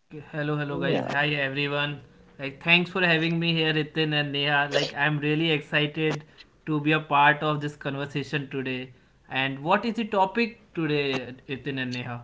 Okay, hello, hello, guys. Hi, everyone. Like, thanks for having me here, Ritin and Neha. Like, I'm really excited to be a part of this conversation today. And what is the topic today, Ritin and Neha?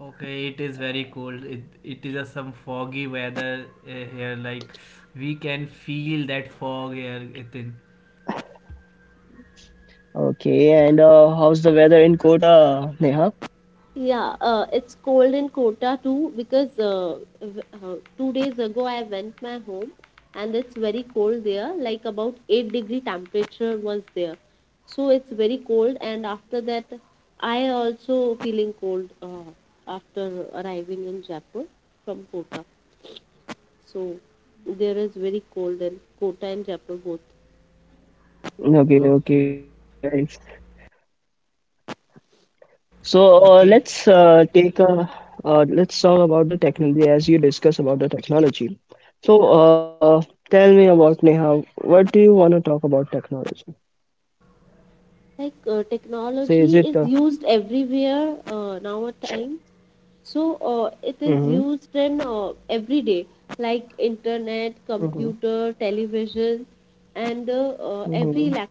Okay, it is very cold. It is a some foggy weather here. Like, we can feel that fog here, Ritin. Okay, Okay, okay, guys. So, okay. let's take a let's talk about the technology as you discuss about the technology. So, tell me about Neha. What do you want to talk about technology? Say, is it? Mm-hmm, mm-hmm, mm-hmm,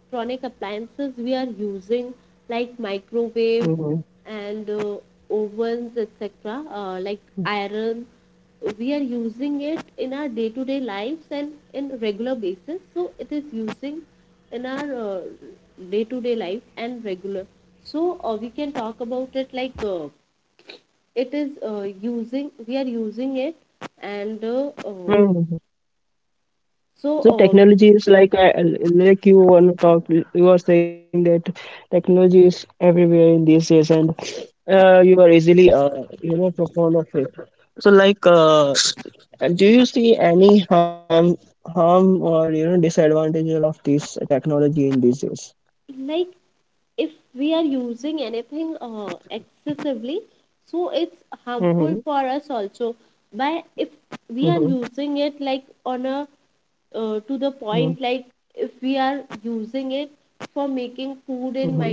mm-hmm, mm-hmm. So technology is like you want to talk. You are saying that technology is everywhere in these days, and you are easily profound of it. So, like, do you see any harm or disadvantage of this technology in these days? Mm-hmm. Mm-hmm. Mm-hmm. Mm-hmm.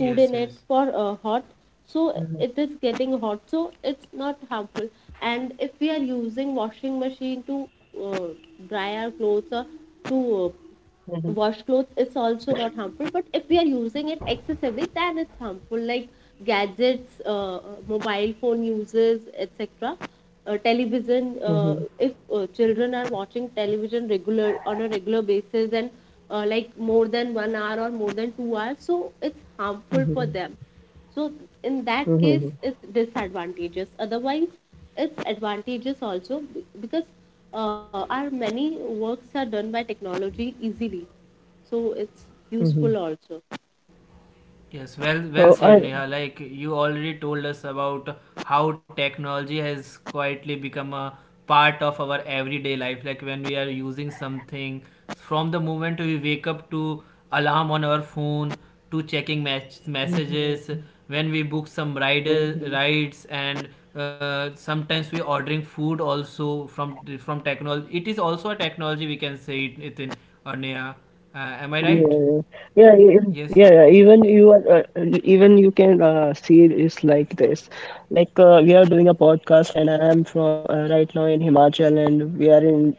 Yes, yes. Mm-hmm. Mm-hmm. Mm-hmm. Mm-hmm. Yes, well, well So said, I. Neha. Like you already told us about how technology has quietly become a part of our everyday life. Like when we are using something, from the moment we wake up to alarm on our phone, to checking messages, when we book some rider Mm-hmm. rides, and sometimes we ordering food also from technology. It is also a technology we can say it, Nitin or Neha. Uh, am I right? Yeah, yeah, yeah, Yes. yeah. Yeah, even you can see it's like this. Like, we are doing a podcast, and I am from right now in Himachal, and we are in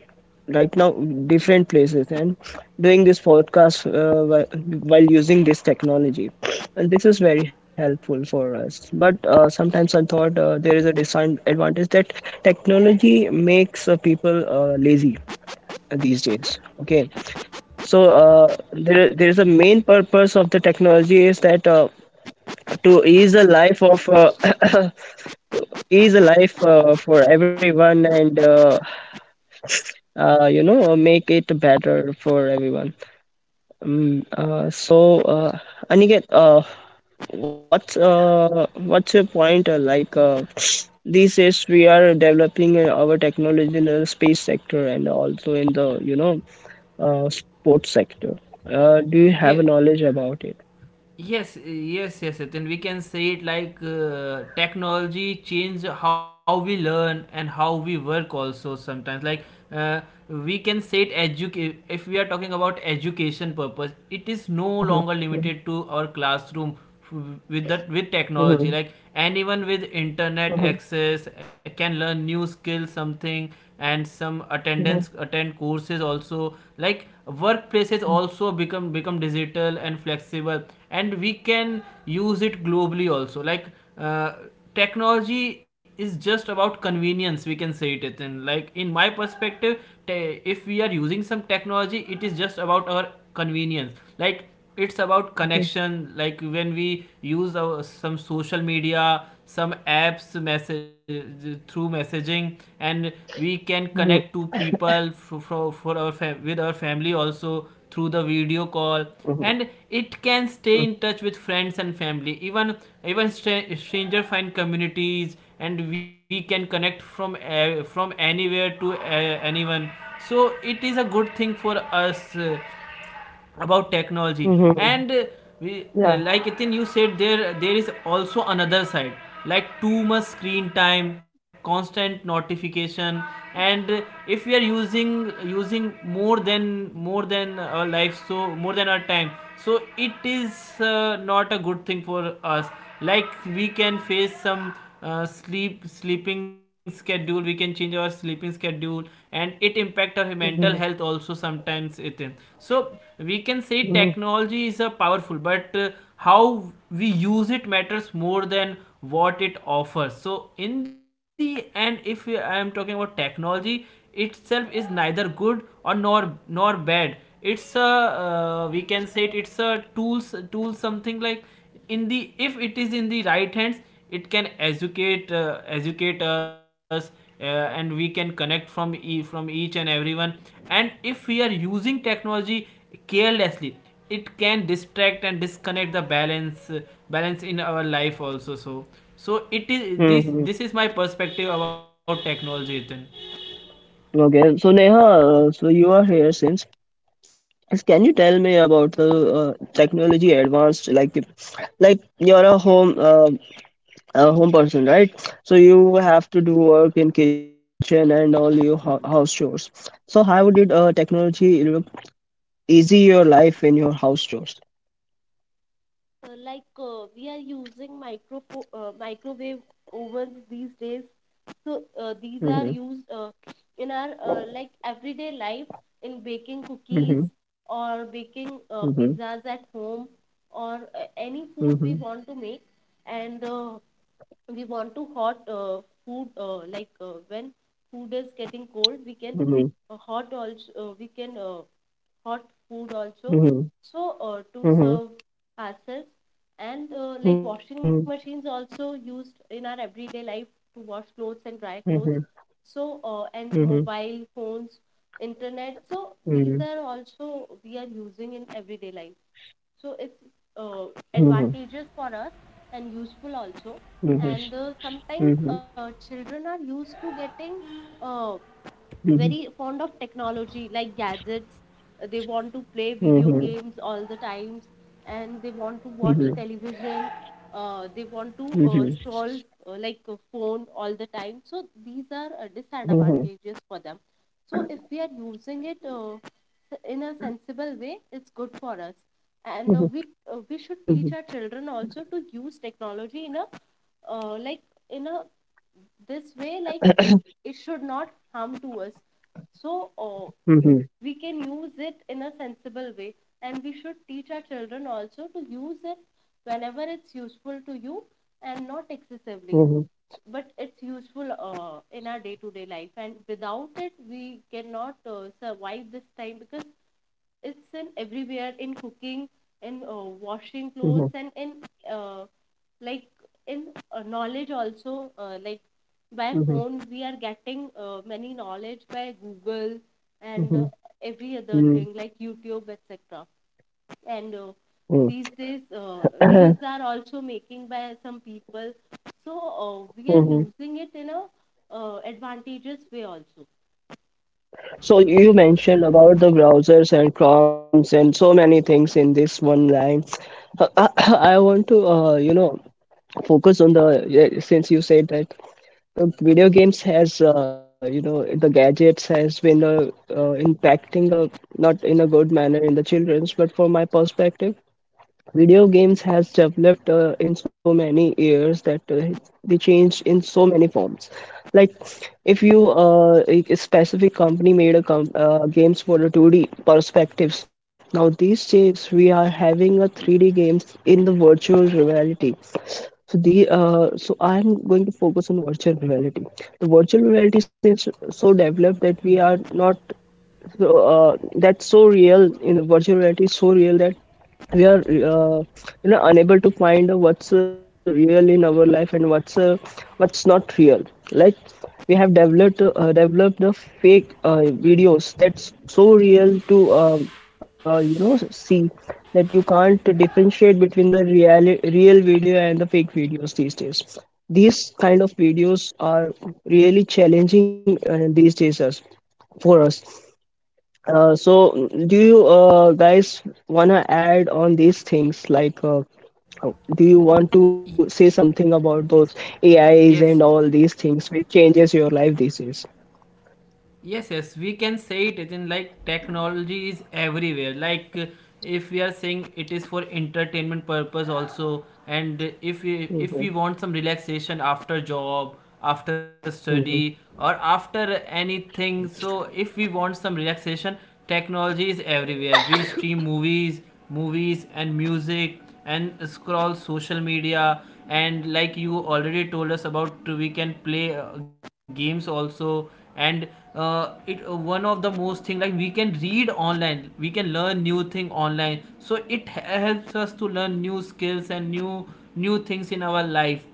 right now different places and doing this podcast, while using this technology, and this is very helpful for us. But, sometimes I thought there is a disadvantage that technology makes people lazy these days. Okay, so, there is a main purpose of the technology is that to ease the life of ease the life for everyone, and make it better for everyone. So, Aniket, what's your point, these days we are developing our technology in the space sector and also in the sports sector. Do you Yeah. have a knowledge about it? Yes, yes, yes. Then we can say it like technology change how we learn and how we work also sometimes. Like uh, we can say it educate if we are talking about education purpose, it is no Mhm, longer mhm, limited to our classroom with that with mhm, technology like anyone with internet mhm, access can learn new skills something and some mhm, attend courses also. Like workplaces also become digital and flexible and we can use it globally also. Like uh, technology is just about convenience, we can say it. Then like in my perspective, if we are using some technology, it is just about our convenience. Like it's about mhm, connection. Like when we use our, some social media, some apps, message through messaging, and we can mhm, connect to people for our with our family also through the video call, mhm, and it can mhm. stay in touch with friends and family, even stranger find communities, and we can connect from anywhere to anyone. So it is a good thing for us about technology. And we Yeah. like Itin, you said there is also another side. Like too much screen time, constant notification, and if we are using more than our life, so more than our time, so it is not a good thing for us. Like we can face some sleeping schedule. We can change our sleeping schedule and it impact our mental Mhm, health also sometimes, it is. So we can say mhm, technology is a powerful, but how we use it matters more than what it offers. So in the end, if we- I am talking about technology itself is neither good or nor bad. It's a, we can say it, it's a tool something. Like in the, if it is in the right hands, it can educate us and we can connect from from each and everyone. And if we are using technology carelessly, it can distract and disconnect the balance, balance in our life also. So it is this mhm. this is my perspective about technology. Then Okay, so Neha, so you are here since. Yes, can you tell me about the technology advanced? Like you're a home person, right? So you have to do work in kitchen and all your ho house chores. So how did technology look easy your life in your house chores? Mhm, mhm, mhm, mhm, mhm, mhm, mhm, mhm, mhm, mhm, mhm, mhm, mhm, mhm, mhm, mhm, mhm, mhm, mhm, mhm, mhm, mhm, mhm, mhm, mhm, mhm, mhm. Uh-huh, mhm. So you mentioned about the browsers and Chromes and so many things in this one line. I want to, focus on the, yeah, since you said that video games has the gadgets has been impacting, not in a good manner in the children's, but for my perspective video games has developed in so many years that they changed in so many forms. Like, if you a specific company made games for the 2D perspectives. Now these days we are having a 3D games in the virtual reality. So I'm going to focus on virtual reality. The virtual reality is so developed that we are not so that's so real in the virtual reality, is so real that we are unable to find what's real in our life and what's not real. Like, we have developed the fake videos that's so real to see that you can't differentiate between the real video and the fake videos these days. These kind of videos are really challenging these days, for us, so, do you guys wanna add on these things? Like, oh, do you want to say something about those AIs and yes. all these things which changes your life these days? Yes, yes, we can say it as in like technology is everywhere. Like if we are saying it is for entertainment purpose also, and if we Mm-hmm, want some relaxation after job, after study, or mm-hmm, after anything, so if we want some relaxation, technology is everywhere. We stream movies and music, and scroll social media, and like you already told us about, we can play games also. And it one of the most thing, like we can read online, we can learn new thing online, so it helps us to learn new skills and new things in our life,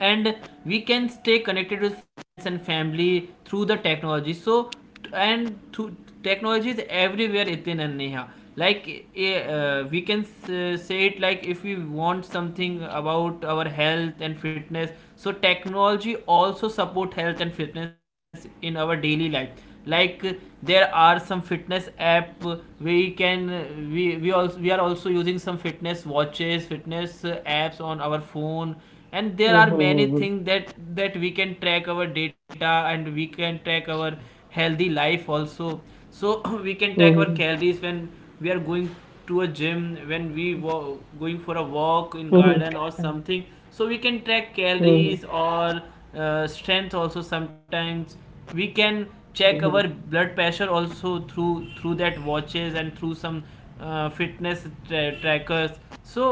and we can stay connected with friends and family through the technology. So and through technology is everywhere, Itin and Neha. Like we can say it, like if we want something about our health and fitness, so technology also support health and fitness in our daily life. Like there are some fitness app. We can we also, we are also using some fitness watches, fitness apps on our phone, and there are many mm-hmm, things that we can track our data and we can track our healthy life also. So we can track our mm-hmm, calories when we are going to a gym, when we going for a walk in garden mm-hmm, or something, so we can track mm-hmm, calories or strength also. Sometimes we can check our blood pressure also through that watches and through some fitness trackers. So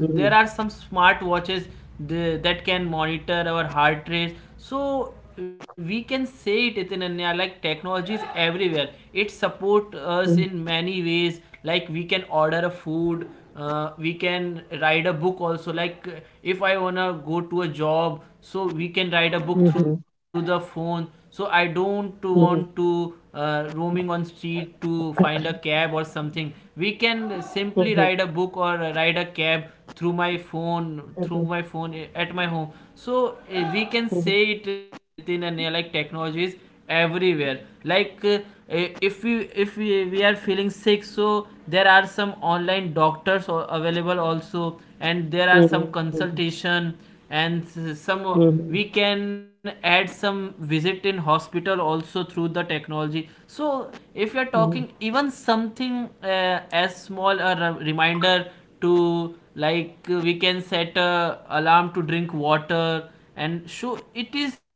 there are some smart watches, that can monitor our heart rate. So we can say it, Ananya, like technology is everywhere. It support us in many ways. Like we can order a food, we can write a book also. Like if I wanna go to a job, so we can write a book through mm-hmm, the phone, so I don't want mm-hmm, to roaming on street to find a cab or something. We can simply ride a book or ride a cab through my phone through my phone, at my home. So we can say it, it in a like technology is everywhere. Like if we, we are feeling sick, so there are some online doctors or available also, and there are some consultation and some we can add some visit in hospital also through the technology. So if you're talking even something as small a reminder to, like we can set a alarm to drink water. And so it is a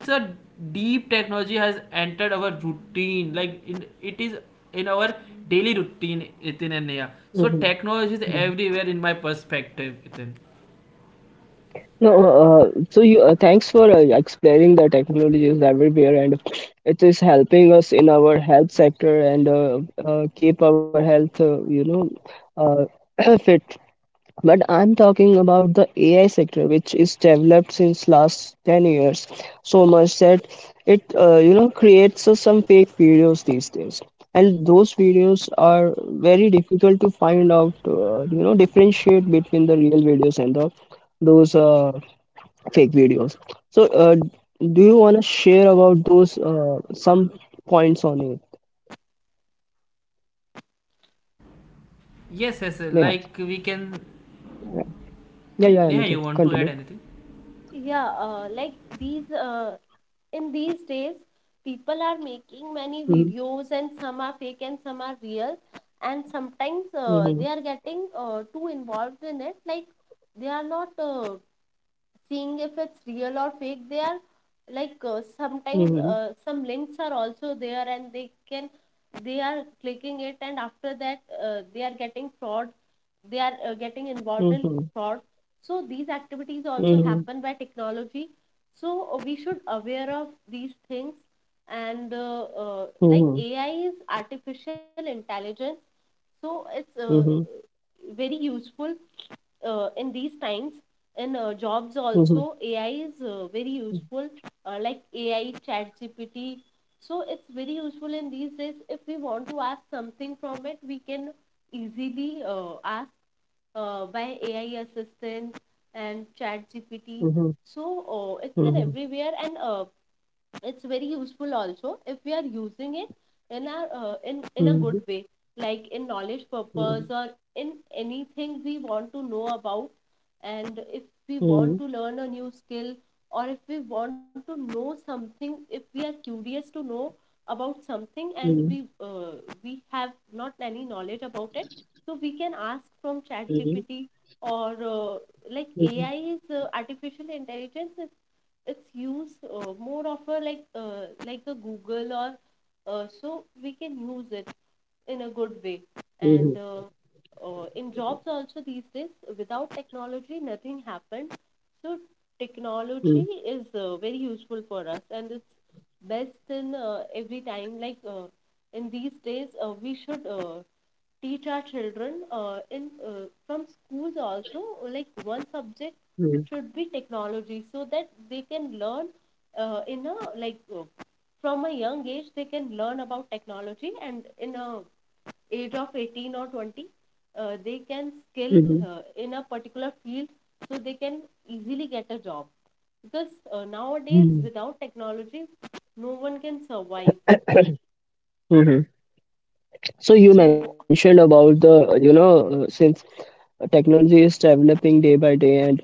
deep technology has entered our routine, like in it is in our daily routine, Itin and Neha. So technology is mm-hmm. everywhere, in my perspective, Itin. No, so you thanks for explaining the technologies everywhere, and it is helping us in our health sector, and keep our health, fit. But I'm talking about the AI Yes, sector, yes. which is developed since last 10 Yes, years yes, there are so many much that things. it, Like at the creates same some fake time, videos these days. And those videos are very difficult to find out, differentiate between the real videos and the those fake videos. So, do you want to share about those some points on it, yes, yes, Neha? like we can. Yeah, yeah, yeah, yeah, Yeah, Niket, you want to continue. add anything? Mhm, mhm, mhm, mhm, mhm, mhm, mhm, mhm, mhm, mhm, mhm, mhm, mhm, mhm, mhm, mhm, mhm, mhm, mhm, mhm. Mhm. So you mentioned about the, since technology is developing day by day, and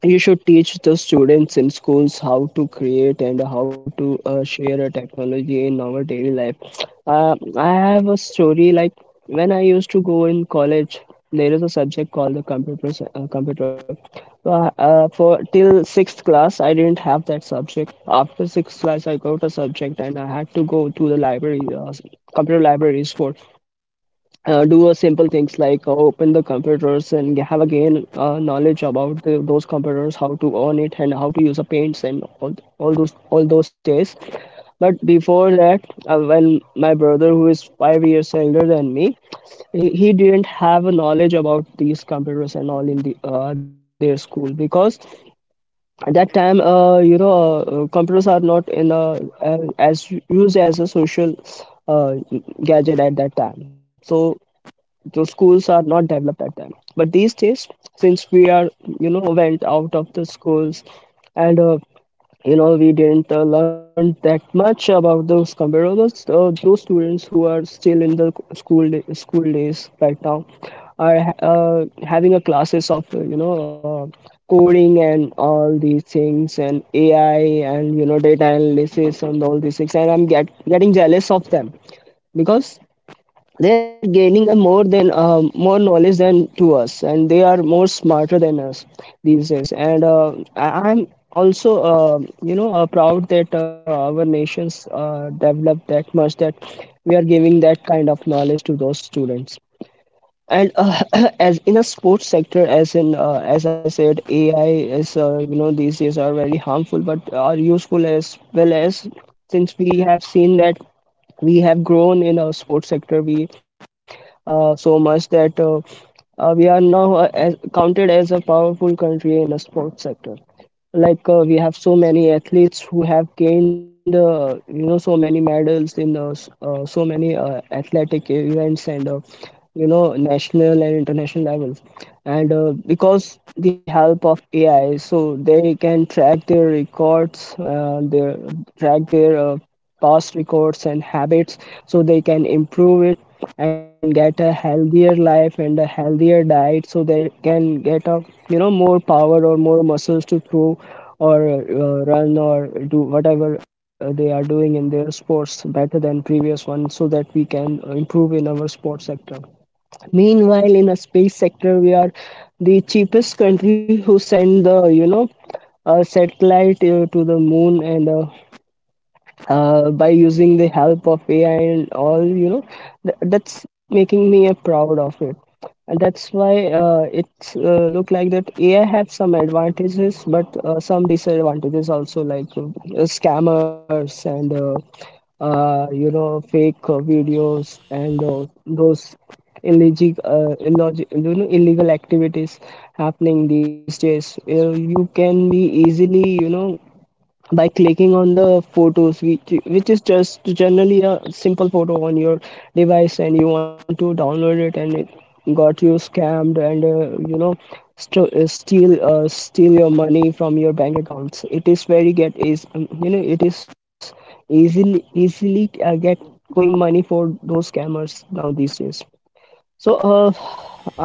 you should teach the students in schools how to create and how to share a technology in our daily life. I have a story. Like, when I used to go in college, there is a subject called the computer s- computer for till sixth class I didn't have that subject. After sixth class I got a subject and I had to go to the library, computer libraries for do a simple things like, open the computers and have again knowledge about the, those computers, how to on it and how to use the paints and all those days. But before that, when my brother who is 5 years older than me, he didn't have a knowledge about these computers and all in their school, because at that time, computers are not in a, as used as a social uh, gadget at that time, so those schools are not developed at time. But these days, since we are went out of the schools, and we didn't learn that much about those comparables, those students who are still in the school days right now are having a classes of coding and all these things, and AI and data analysis and all these things, and I'm getting jealous of them because they're gaining a more knowledge than to us, and they are more smarter than us these days. And I'm also proud that our nations developed that much, that we are giving that kind of knowledge to those students, and as in a sports sector, as I said, AI is these days are very harmful but are useful as well, as since we have seen that we have grown in our sports sector we so much that we are now, counted as a powerful country in the sports sector, like, we have so many athletes who have gained so many medals in the so many athletic events, and national and international levels, and because the help of AI, so they can track their records, their track their past records and habits, so they can improve it and get a healthier life and a healthier diet, so they can get a more power or more muscles to throw or run or do whatever they are doing in their sports better than previous one, so that we can improve in our sports sector. Meanwhile, in a space sector, we are the cheapest country who send the you know a satellite to the moon, and by using the help of AI, and all, that's making me proud of it. And that's why, it look like that AI have some advantages, but some disadvantages also, like, scammers and fake videos and those illegal activities happening these days. You can be easily, by clicking on the photos which is just generally a simple photo on your device and you want to download it, and it got you scammed, and steal your money from your bank accounts. It is very get is you know It is easily get going money for those scammers now these days. So,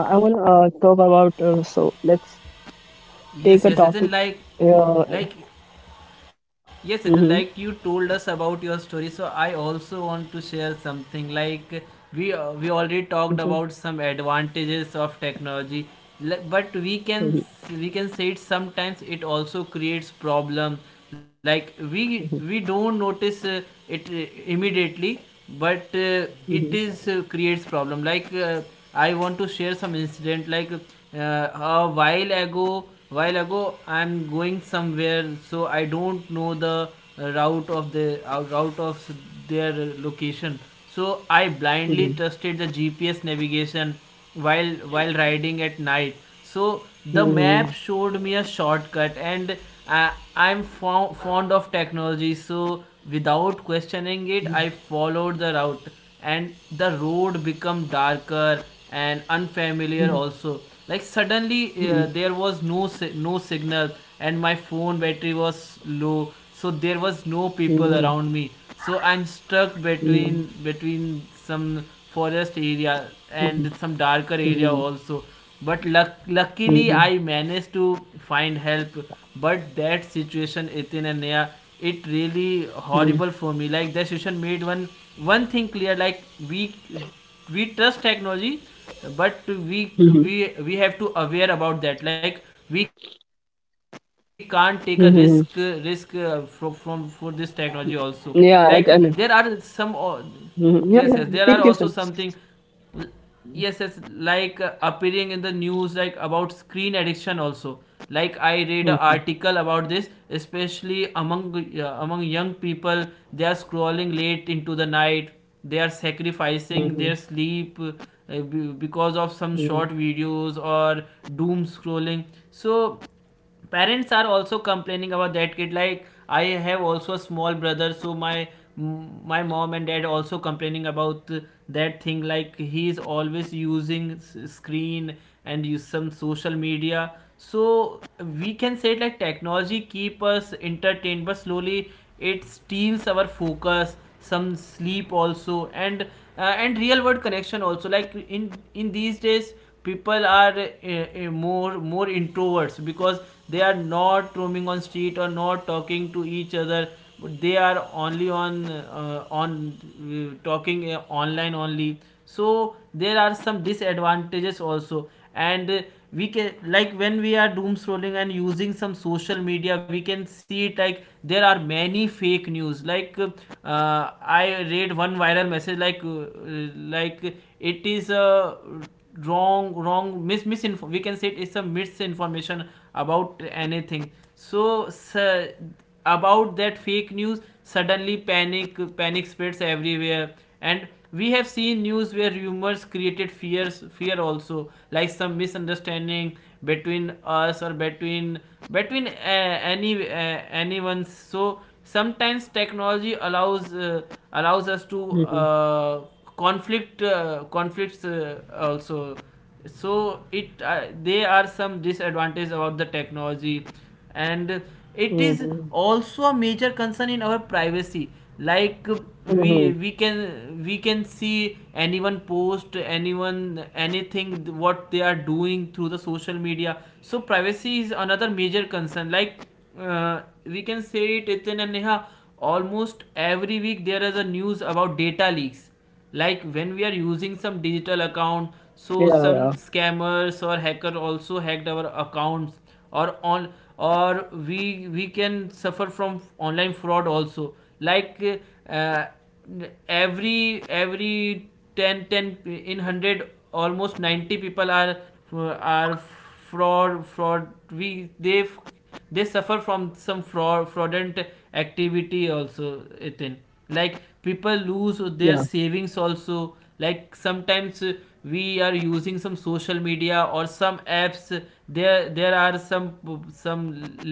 I want to talk about, so let's take Yes, a yes, as in topic, uh, like, yes, as in like you mhm, told us about your story. So I also want to share something. Like we already talked about mhm, some advantages of technology, but we can we can say it, sometimes it also creates problem. Like we don't mhm. notice it immediately, but it Mhm, is creates problem. Like I want to share some incident. Like a while ago, I'm going somewhere, so I don't know the route of the route of their location. So I blindly mhm, trusted the GPS navigation while riding at night. So the mhm, map showed me a shortcut, and I'm fond of technology, so without questioning it, mhm, I followed the route, and the road became darker and unfamiliar mhm, also. Like suddenly mhm, there was no signal and my phone battery was low. So there was no people mhm, around me. So I'm stuck between some forest area mhm, and some darker area mhm, also. But luckily mhm, I managed to find help, but that situation, Ethan and Neha, it really mhm, horrible for me. Like that situation made one thing clear. Like we we trust technology, but we mhm, we we have to aware about that. Like we can't take a risk from mhm. For this technology also. Like there Yeah, are I done some it. Yes yes, there are Mhm. Yeah, also yeah. something. Keep guessing. Yes yes, Mhm, like appearing in the news, like about screen addiction also. Like I read an mhm, article about this, especially among among young people. They are scrolling late into the night, they are sacrificing mhm, their sleep, because of some mhm, short videos or doom scrolling. So parents are also complaining about that kid. Like I have also a small brother, so my mom and dad also complaining about that thing. Like he is always using screen and use some social media. So we can say it, like technology keep us entertained, but slowly it steals our focus, some sleep also, and and real world connection also. Like in these days, people are more introverts because they are not roaming on street or not talking to each other, they are only on talking online only. So there are some disadvantages also. And we can, like when we are doom scrolling and using some social media, we can see it, like there are many fake news. Like I read one viral message. Like like it is a wrong wrong mis misinfo- we can say it's a misinformation about anything. So about that fake news, suddenly panic spreads everywhere, and we have seen news where rumors created fear also. Like some misunderstanding between us or between any anyone. So sometimes technology allows us to mhm, conflicts also. So it they are some disadvantage about the technology. And it is also a major concern in our privacy. Like mhm, we mhm. can see anyone post, anyone anything what they are doing through the social media. So privacy is another major concern. Like we can say it, Ethan and Neha, almost every week there is a news about data leaks. Like when we are using some digital account, Yeah, so some yeah, scammers or hacker also hacked our accounts, or on or we can suffer from online fraud also. Like uh, every 10 10 in 100, almost 90 people are fraud fraud we they suffer from some fraud fraudulent activity also, Ethan. Like people lose their yeah. savings also. Like sometimes we are using some social media or some apps, there are some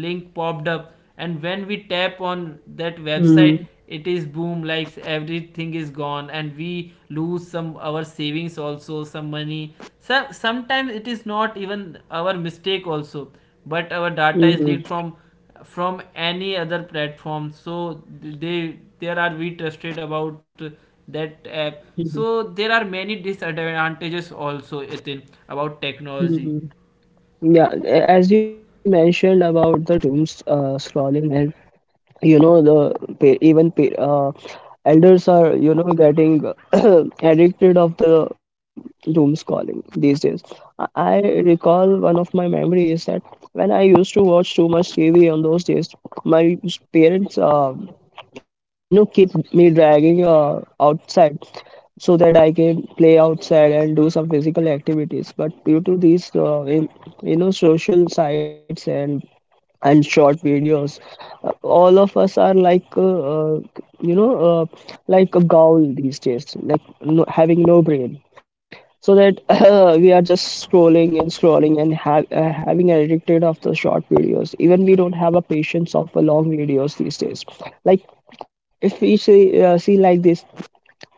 link popped up, and when we tap on that Mhm, website, it is boom, like everything is gone, and we lose some our savings also, some money. So sometimes it is not even our mistake also, but our data is mhm, leaked from any other platform, so they there are, we trusted about that app. So mhm, there are many disadvantages also, Ethan, about technology. mhm. Yeah, as you mentioned about the dooms scrolling and you know the pa- even pa- uh, elders are you know getting addicted of the dooms calling these days. I recall one of my memory is that when I used to watch too much tv on those days my parents you know keep me dragging outside so that I can play outside and do some physical activities. But due to these, you know, social sites and short videos. Uh, all of us are like you know like a ghoul these days, like no, having no brain so that we are just scrolling and scrolling and having addicted of the short videos, even we don't have a patience of a long videos these days. Like if we see, like this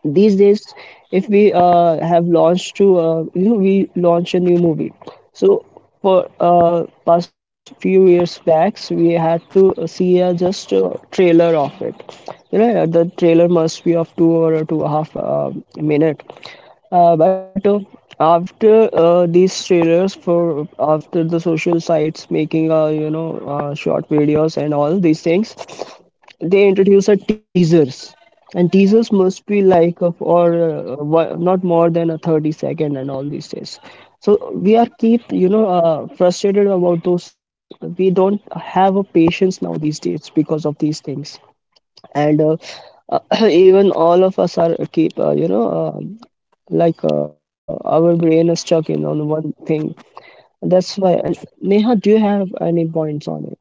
these days, if we have launched to you know, we launch a new movie. So for past few years back, so we had to see just a trailer of it. You know the trailer must be of two or two and a half minute, but after these trailers, for after the social sites making you know short videos and all these things, they introduce a teasers and teasers must be like of, not more than a 30 second and all these days. So we are keep you know frustrated about those. We don't have a patience now these days because of these things. And even all of us are keep you know uh, like our brain is stuck in on one thing, that's why. And Neha, do you have any points on it?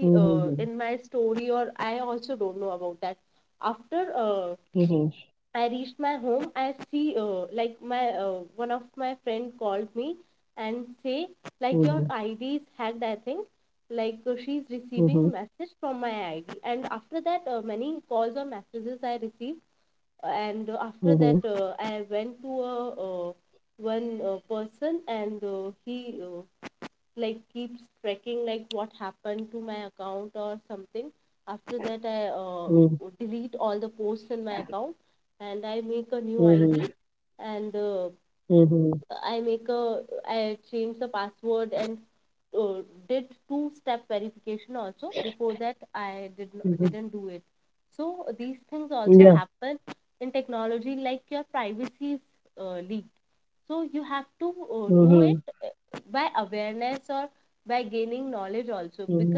Mm-hmm. Mm-hmm. Mm-hmm. Mm-hmm. Mm-hmm. Mhm. Mhm. Mhm. Yeah. Mhm. Mhm.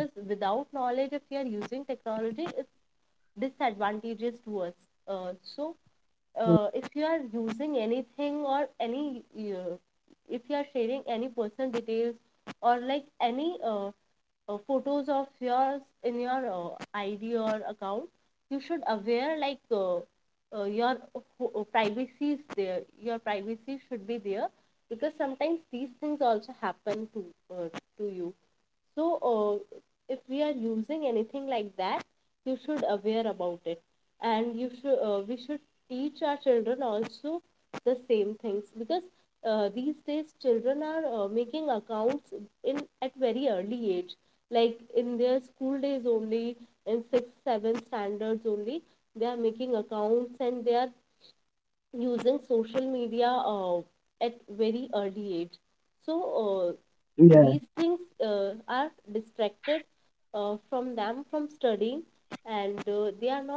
Yeah.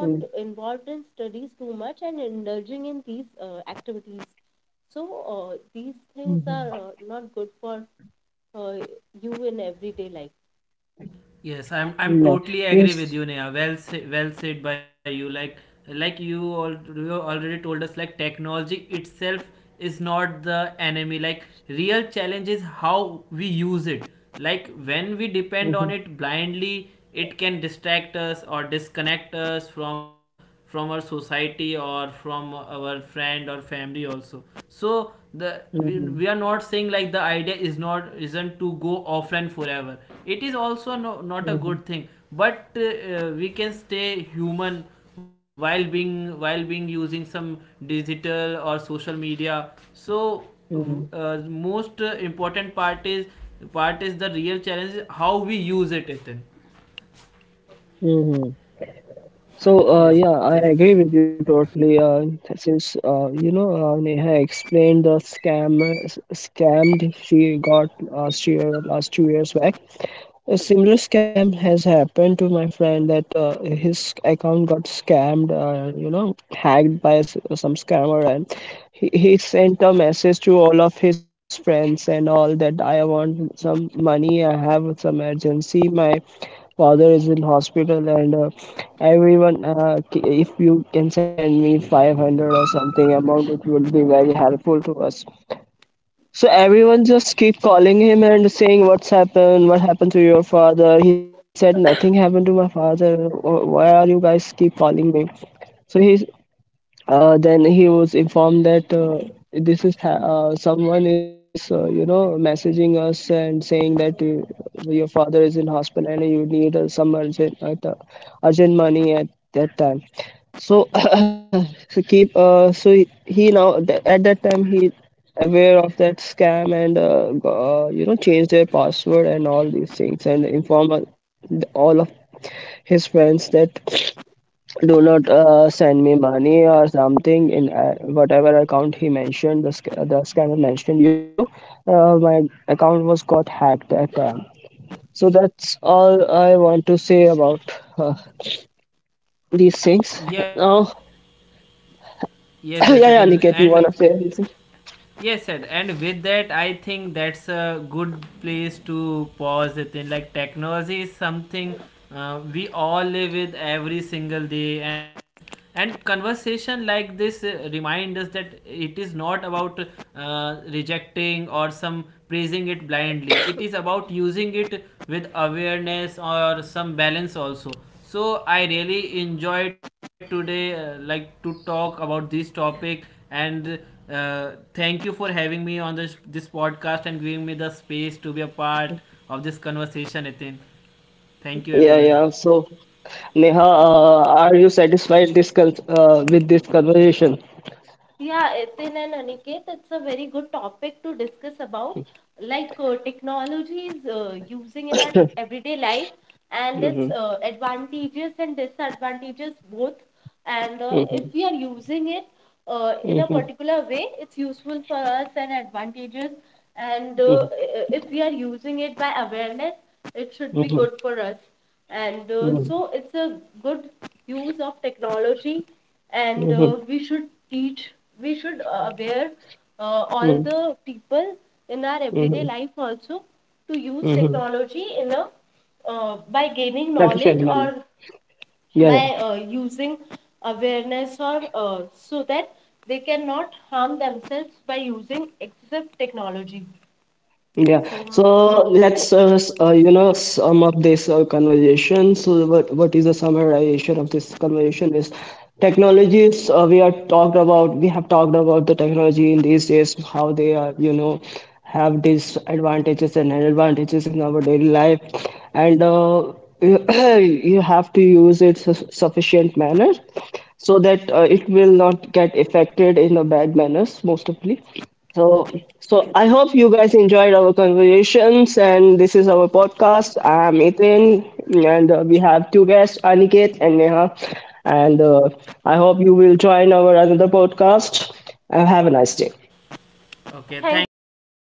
Mhm. Mhm. Yes, I'm Yeah. totally agree with Means. you, Neha. Well said by you. Like you all you already told us, like technology itself is not the enemy. Like real challenge is how we use it. Like when we depend on Mhm. it blindly, it can distract us or disconnect us from our society or from our friend or family also. So the we, Mhm. we are not saying like the idea is not isn't to go offline forever, it is also no, not a Mhm. good thing, but we can stay human while being using some digital or social media. So Mhm. most important part is the real challenge is how we use it, Ethan. Mhm. So, Yes yeah, yes I agree with you totally. Since you know, Neha explained the scammed she got last year or last 2 years back. A similar scam has happened to my friend, that his account got scammed, you know, hacked by some scammer, and he sent a message to all of his friends and all that, I want some money, I have some emergency, my father is in hospital, and everyone, if you can send me 500 or something amount, it would be very helpful to us. So everyone just keep calling him and saying, what's happened, what happened to your father? He said, nothing happened to my father. Why are you guys keep calling me? So he's then he was informed that this is someone is you know messaging us and saying that your father is in hospital and you need some urgent money at that time. So, so keep so he now at that time he aware of that scam and you know changed their password and all these things, and inform all of his friends that do not send me money or something in whatever account he mentioned, the the scammer mentioned, you my account was got hacked at time. So that's all I want to say about uh, these things. yes Now, yes yeah, yes, yeah, Ethan. Niket, you And wanna say anything? yes, sir. And with that, I think that's a good place to pause the thing. Like technology is something we all live with every single day, and conversation like this remind us that it is not about rejecting or some praising it blindly. It is about using it with awareness or some balance also. So I really enjoyed today, like to talk about this topic and thank you for having me on this podcast and giving me the space to be a part of this conversation, Nitin. Thank you, Yeah, everyone. yeah. So, Neha, are you satisfied this with this conversation? Mhm, mhm, mhm, mhm, mhm, mhm, mhm, mhm, mhm. Sufficient manner. Yeah, yeah. Yeah, so let's you know sum up this conversation. So what is the summarization of this conversation is technologies we are talked about. We have talked about the technology in these days, how they are you know have disadvantages and advantages in our daily life, and you have to use it su sufficient manner so that it will not get affected in a bad manners most of the. So, I hope you guys enjoyed our conversations, and this is our podcast. I'm Ethan, and we have two guests, Aniket and Neha. And I hope you will join our another podcast. And have a nice day. Okay, thanks again.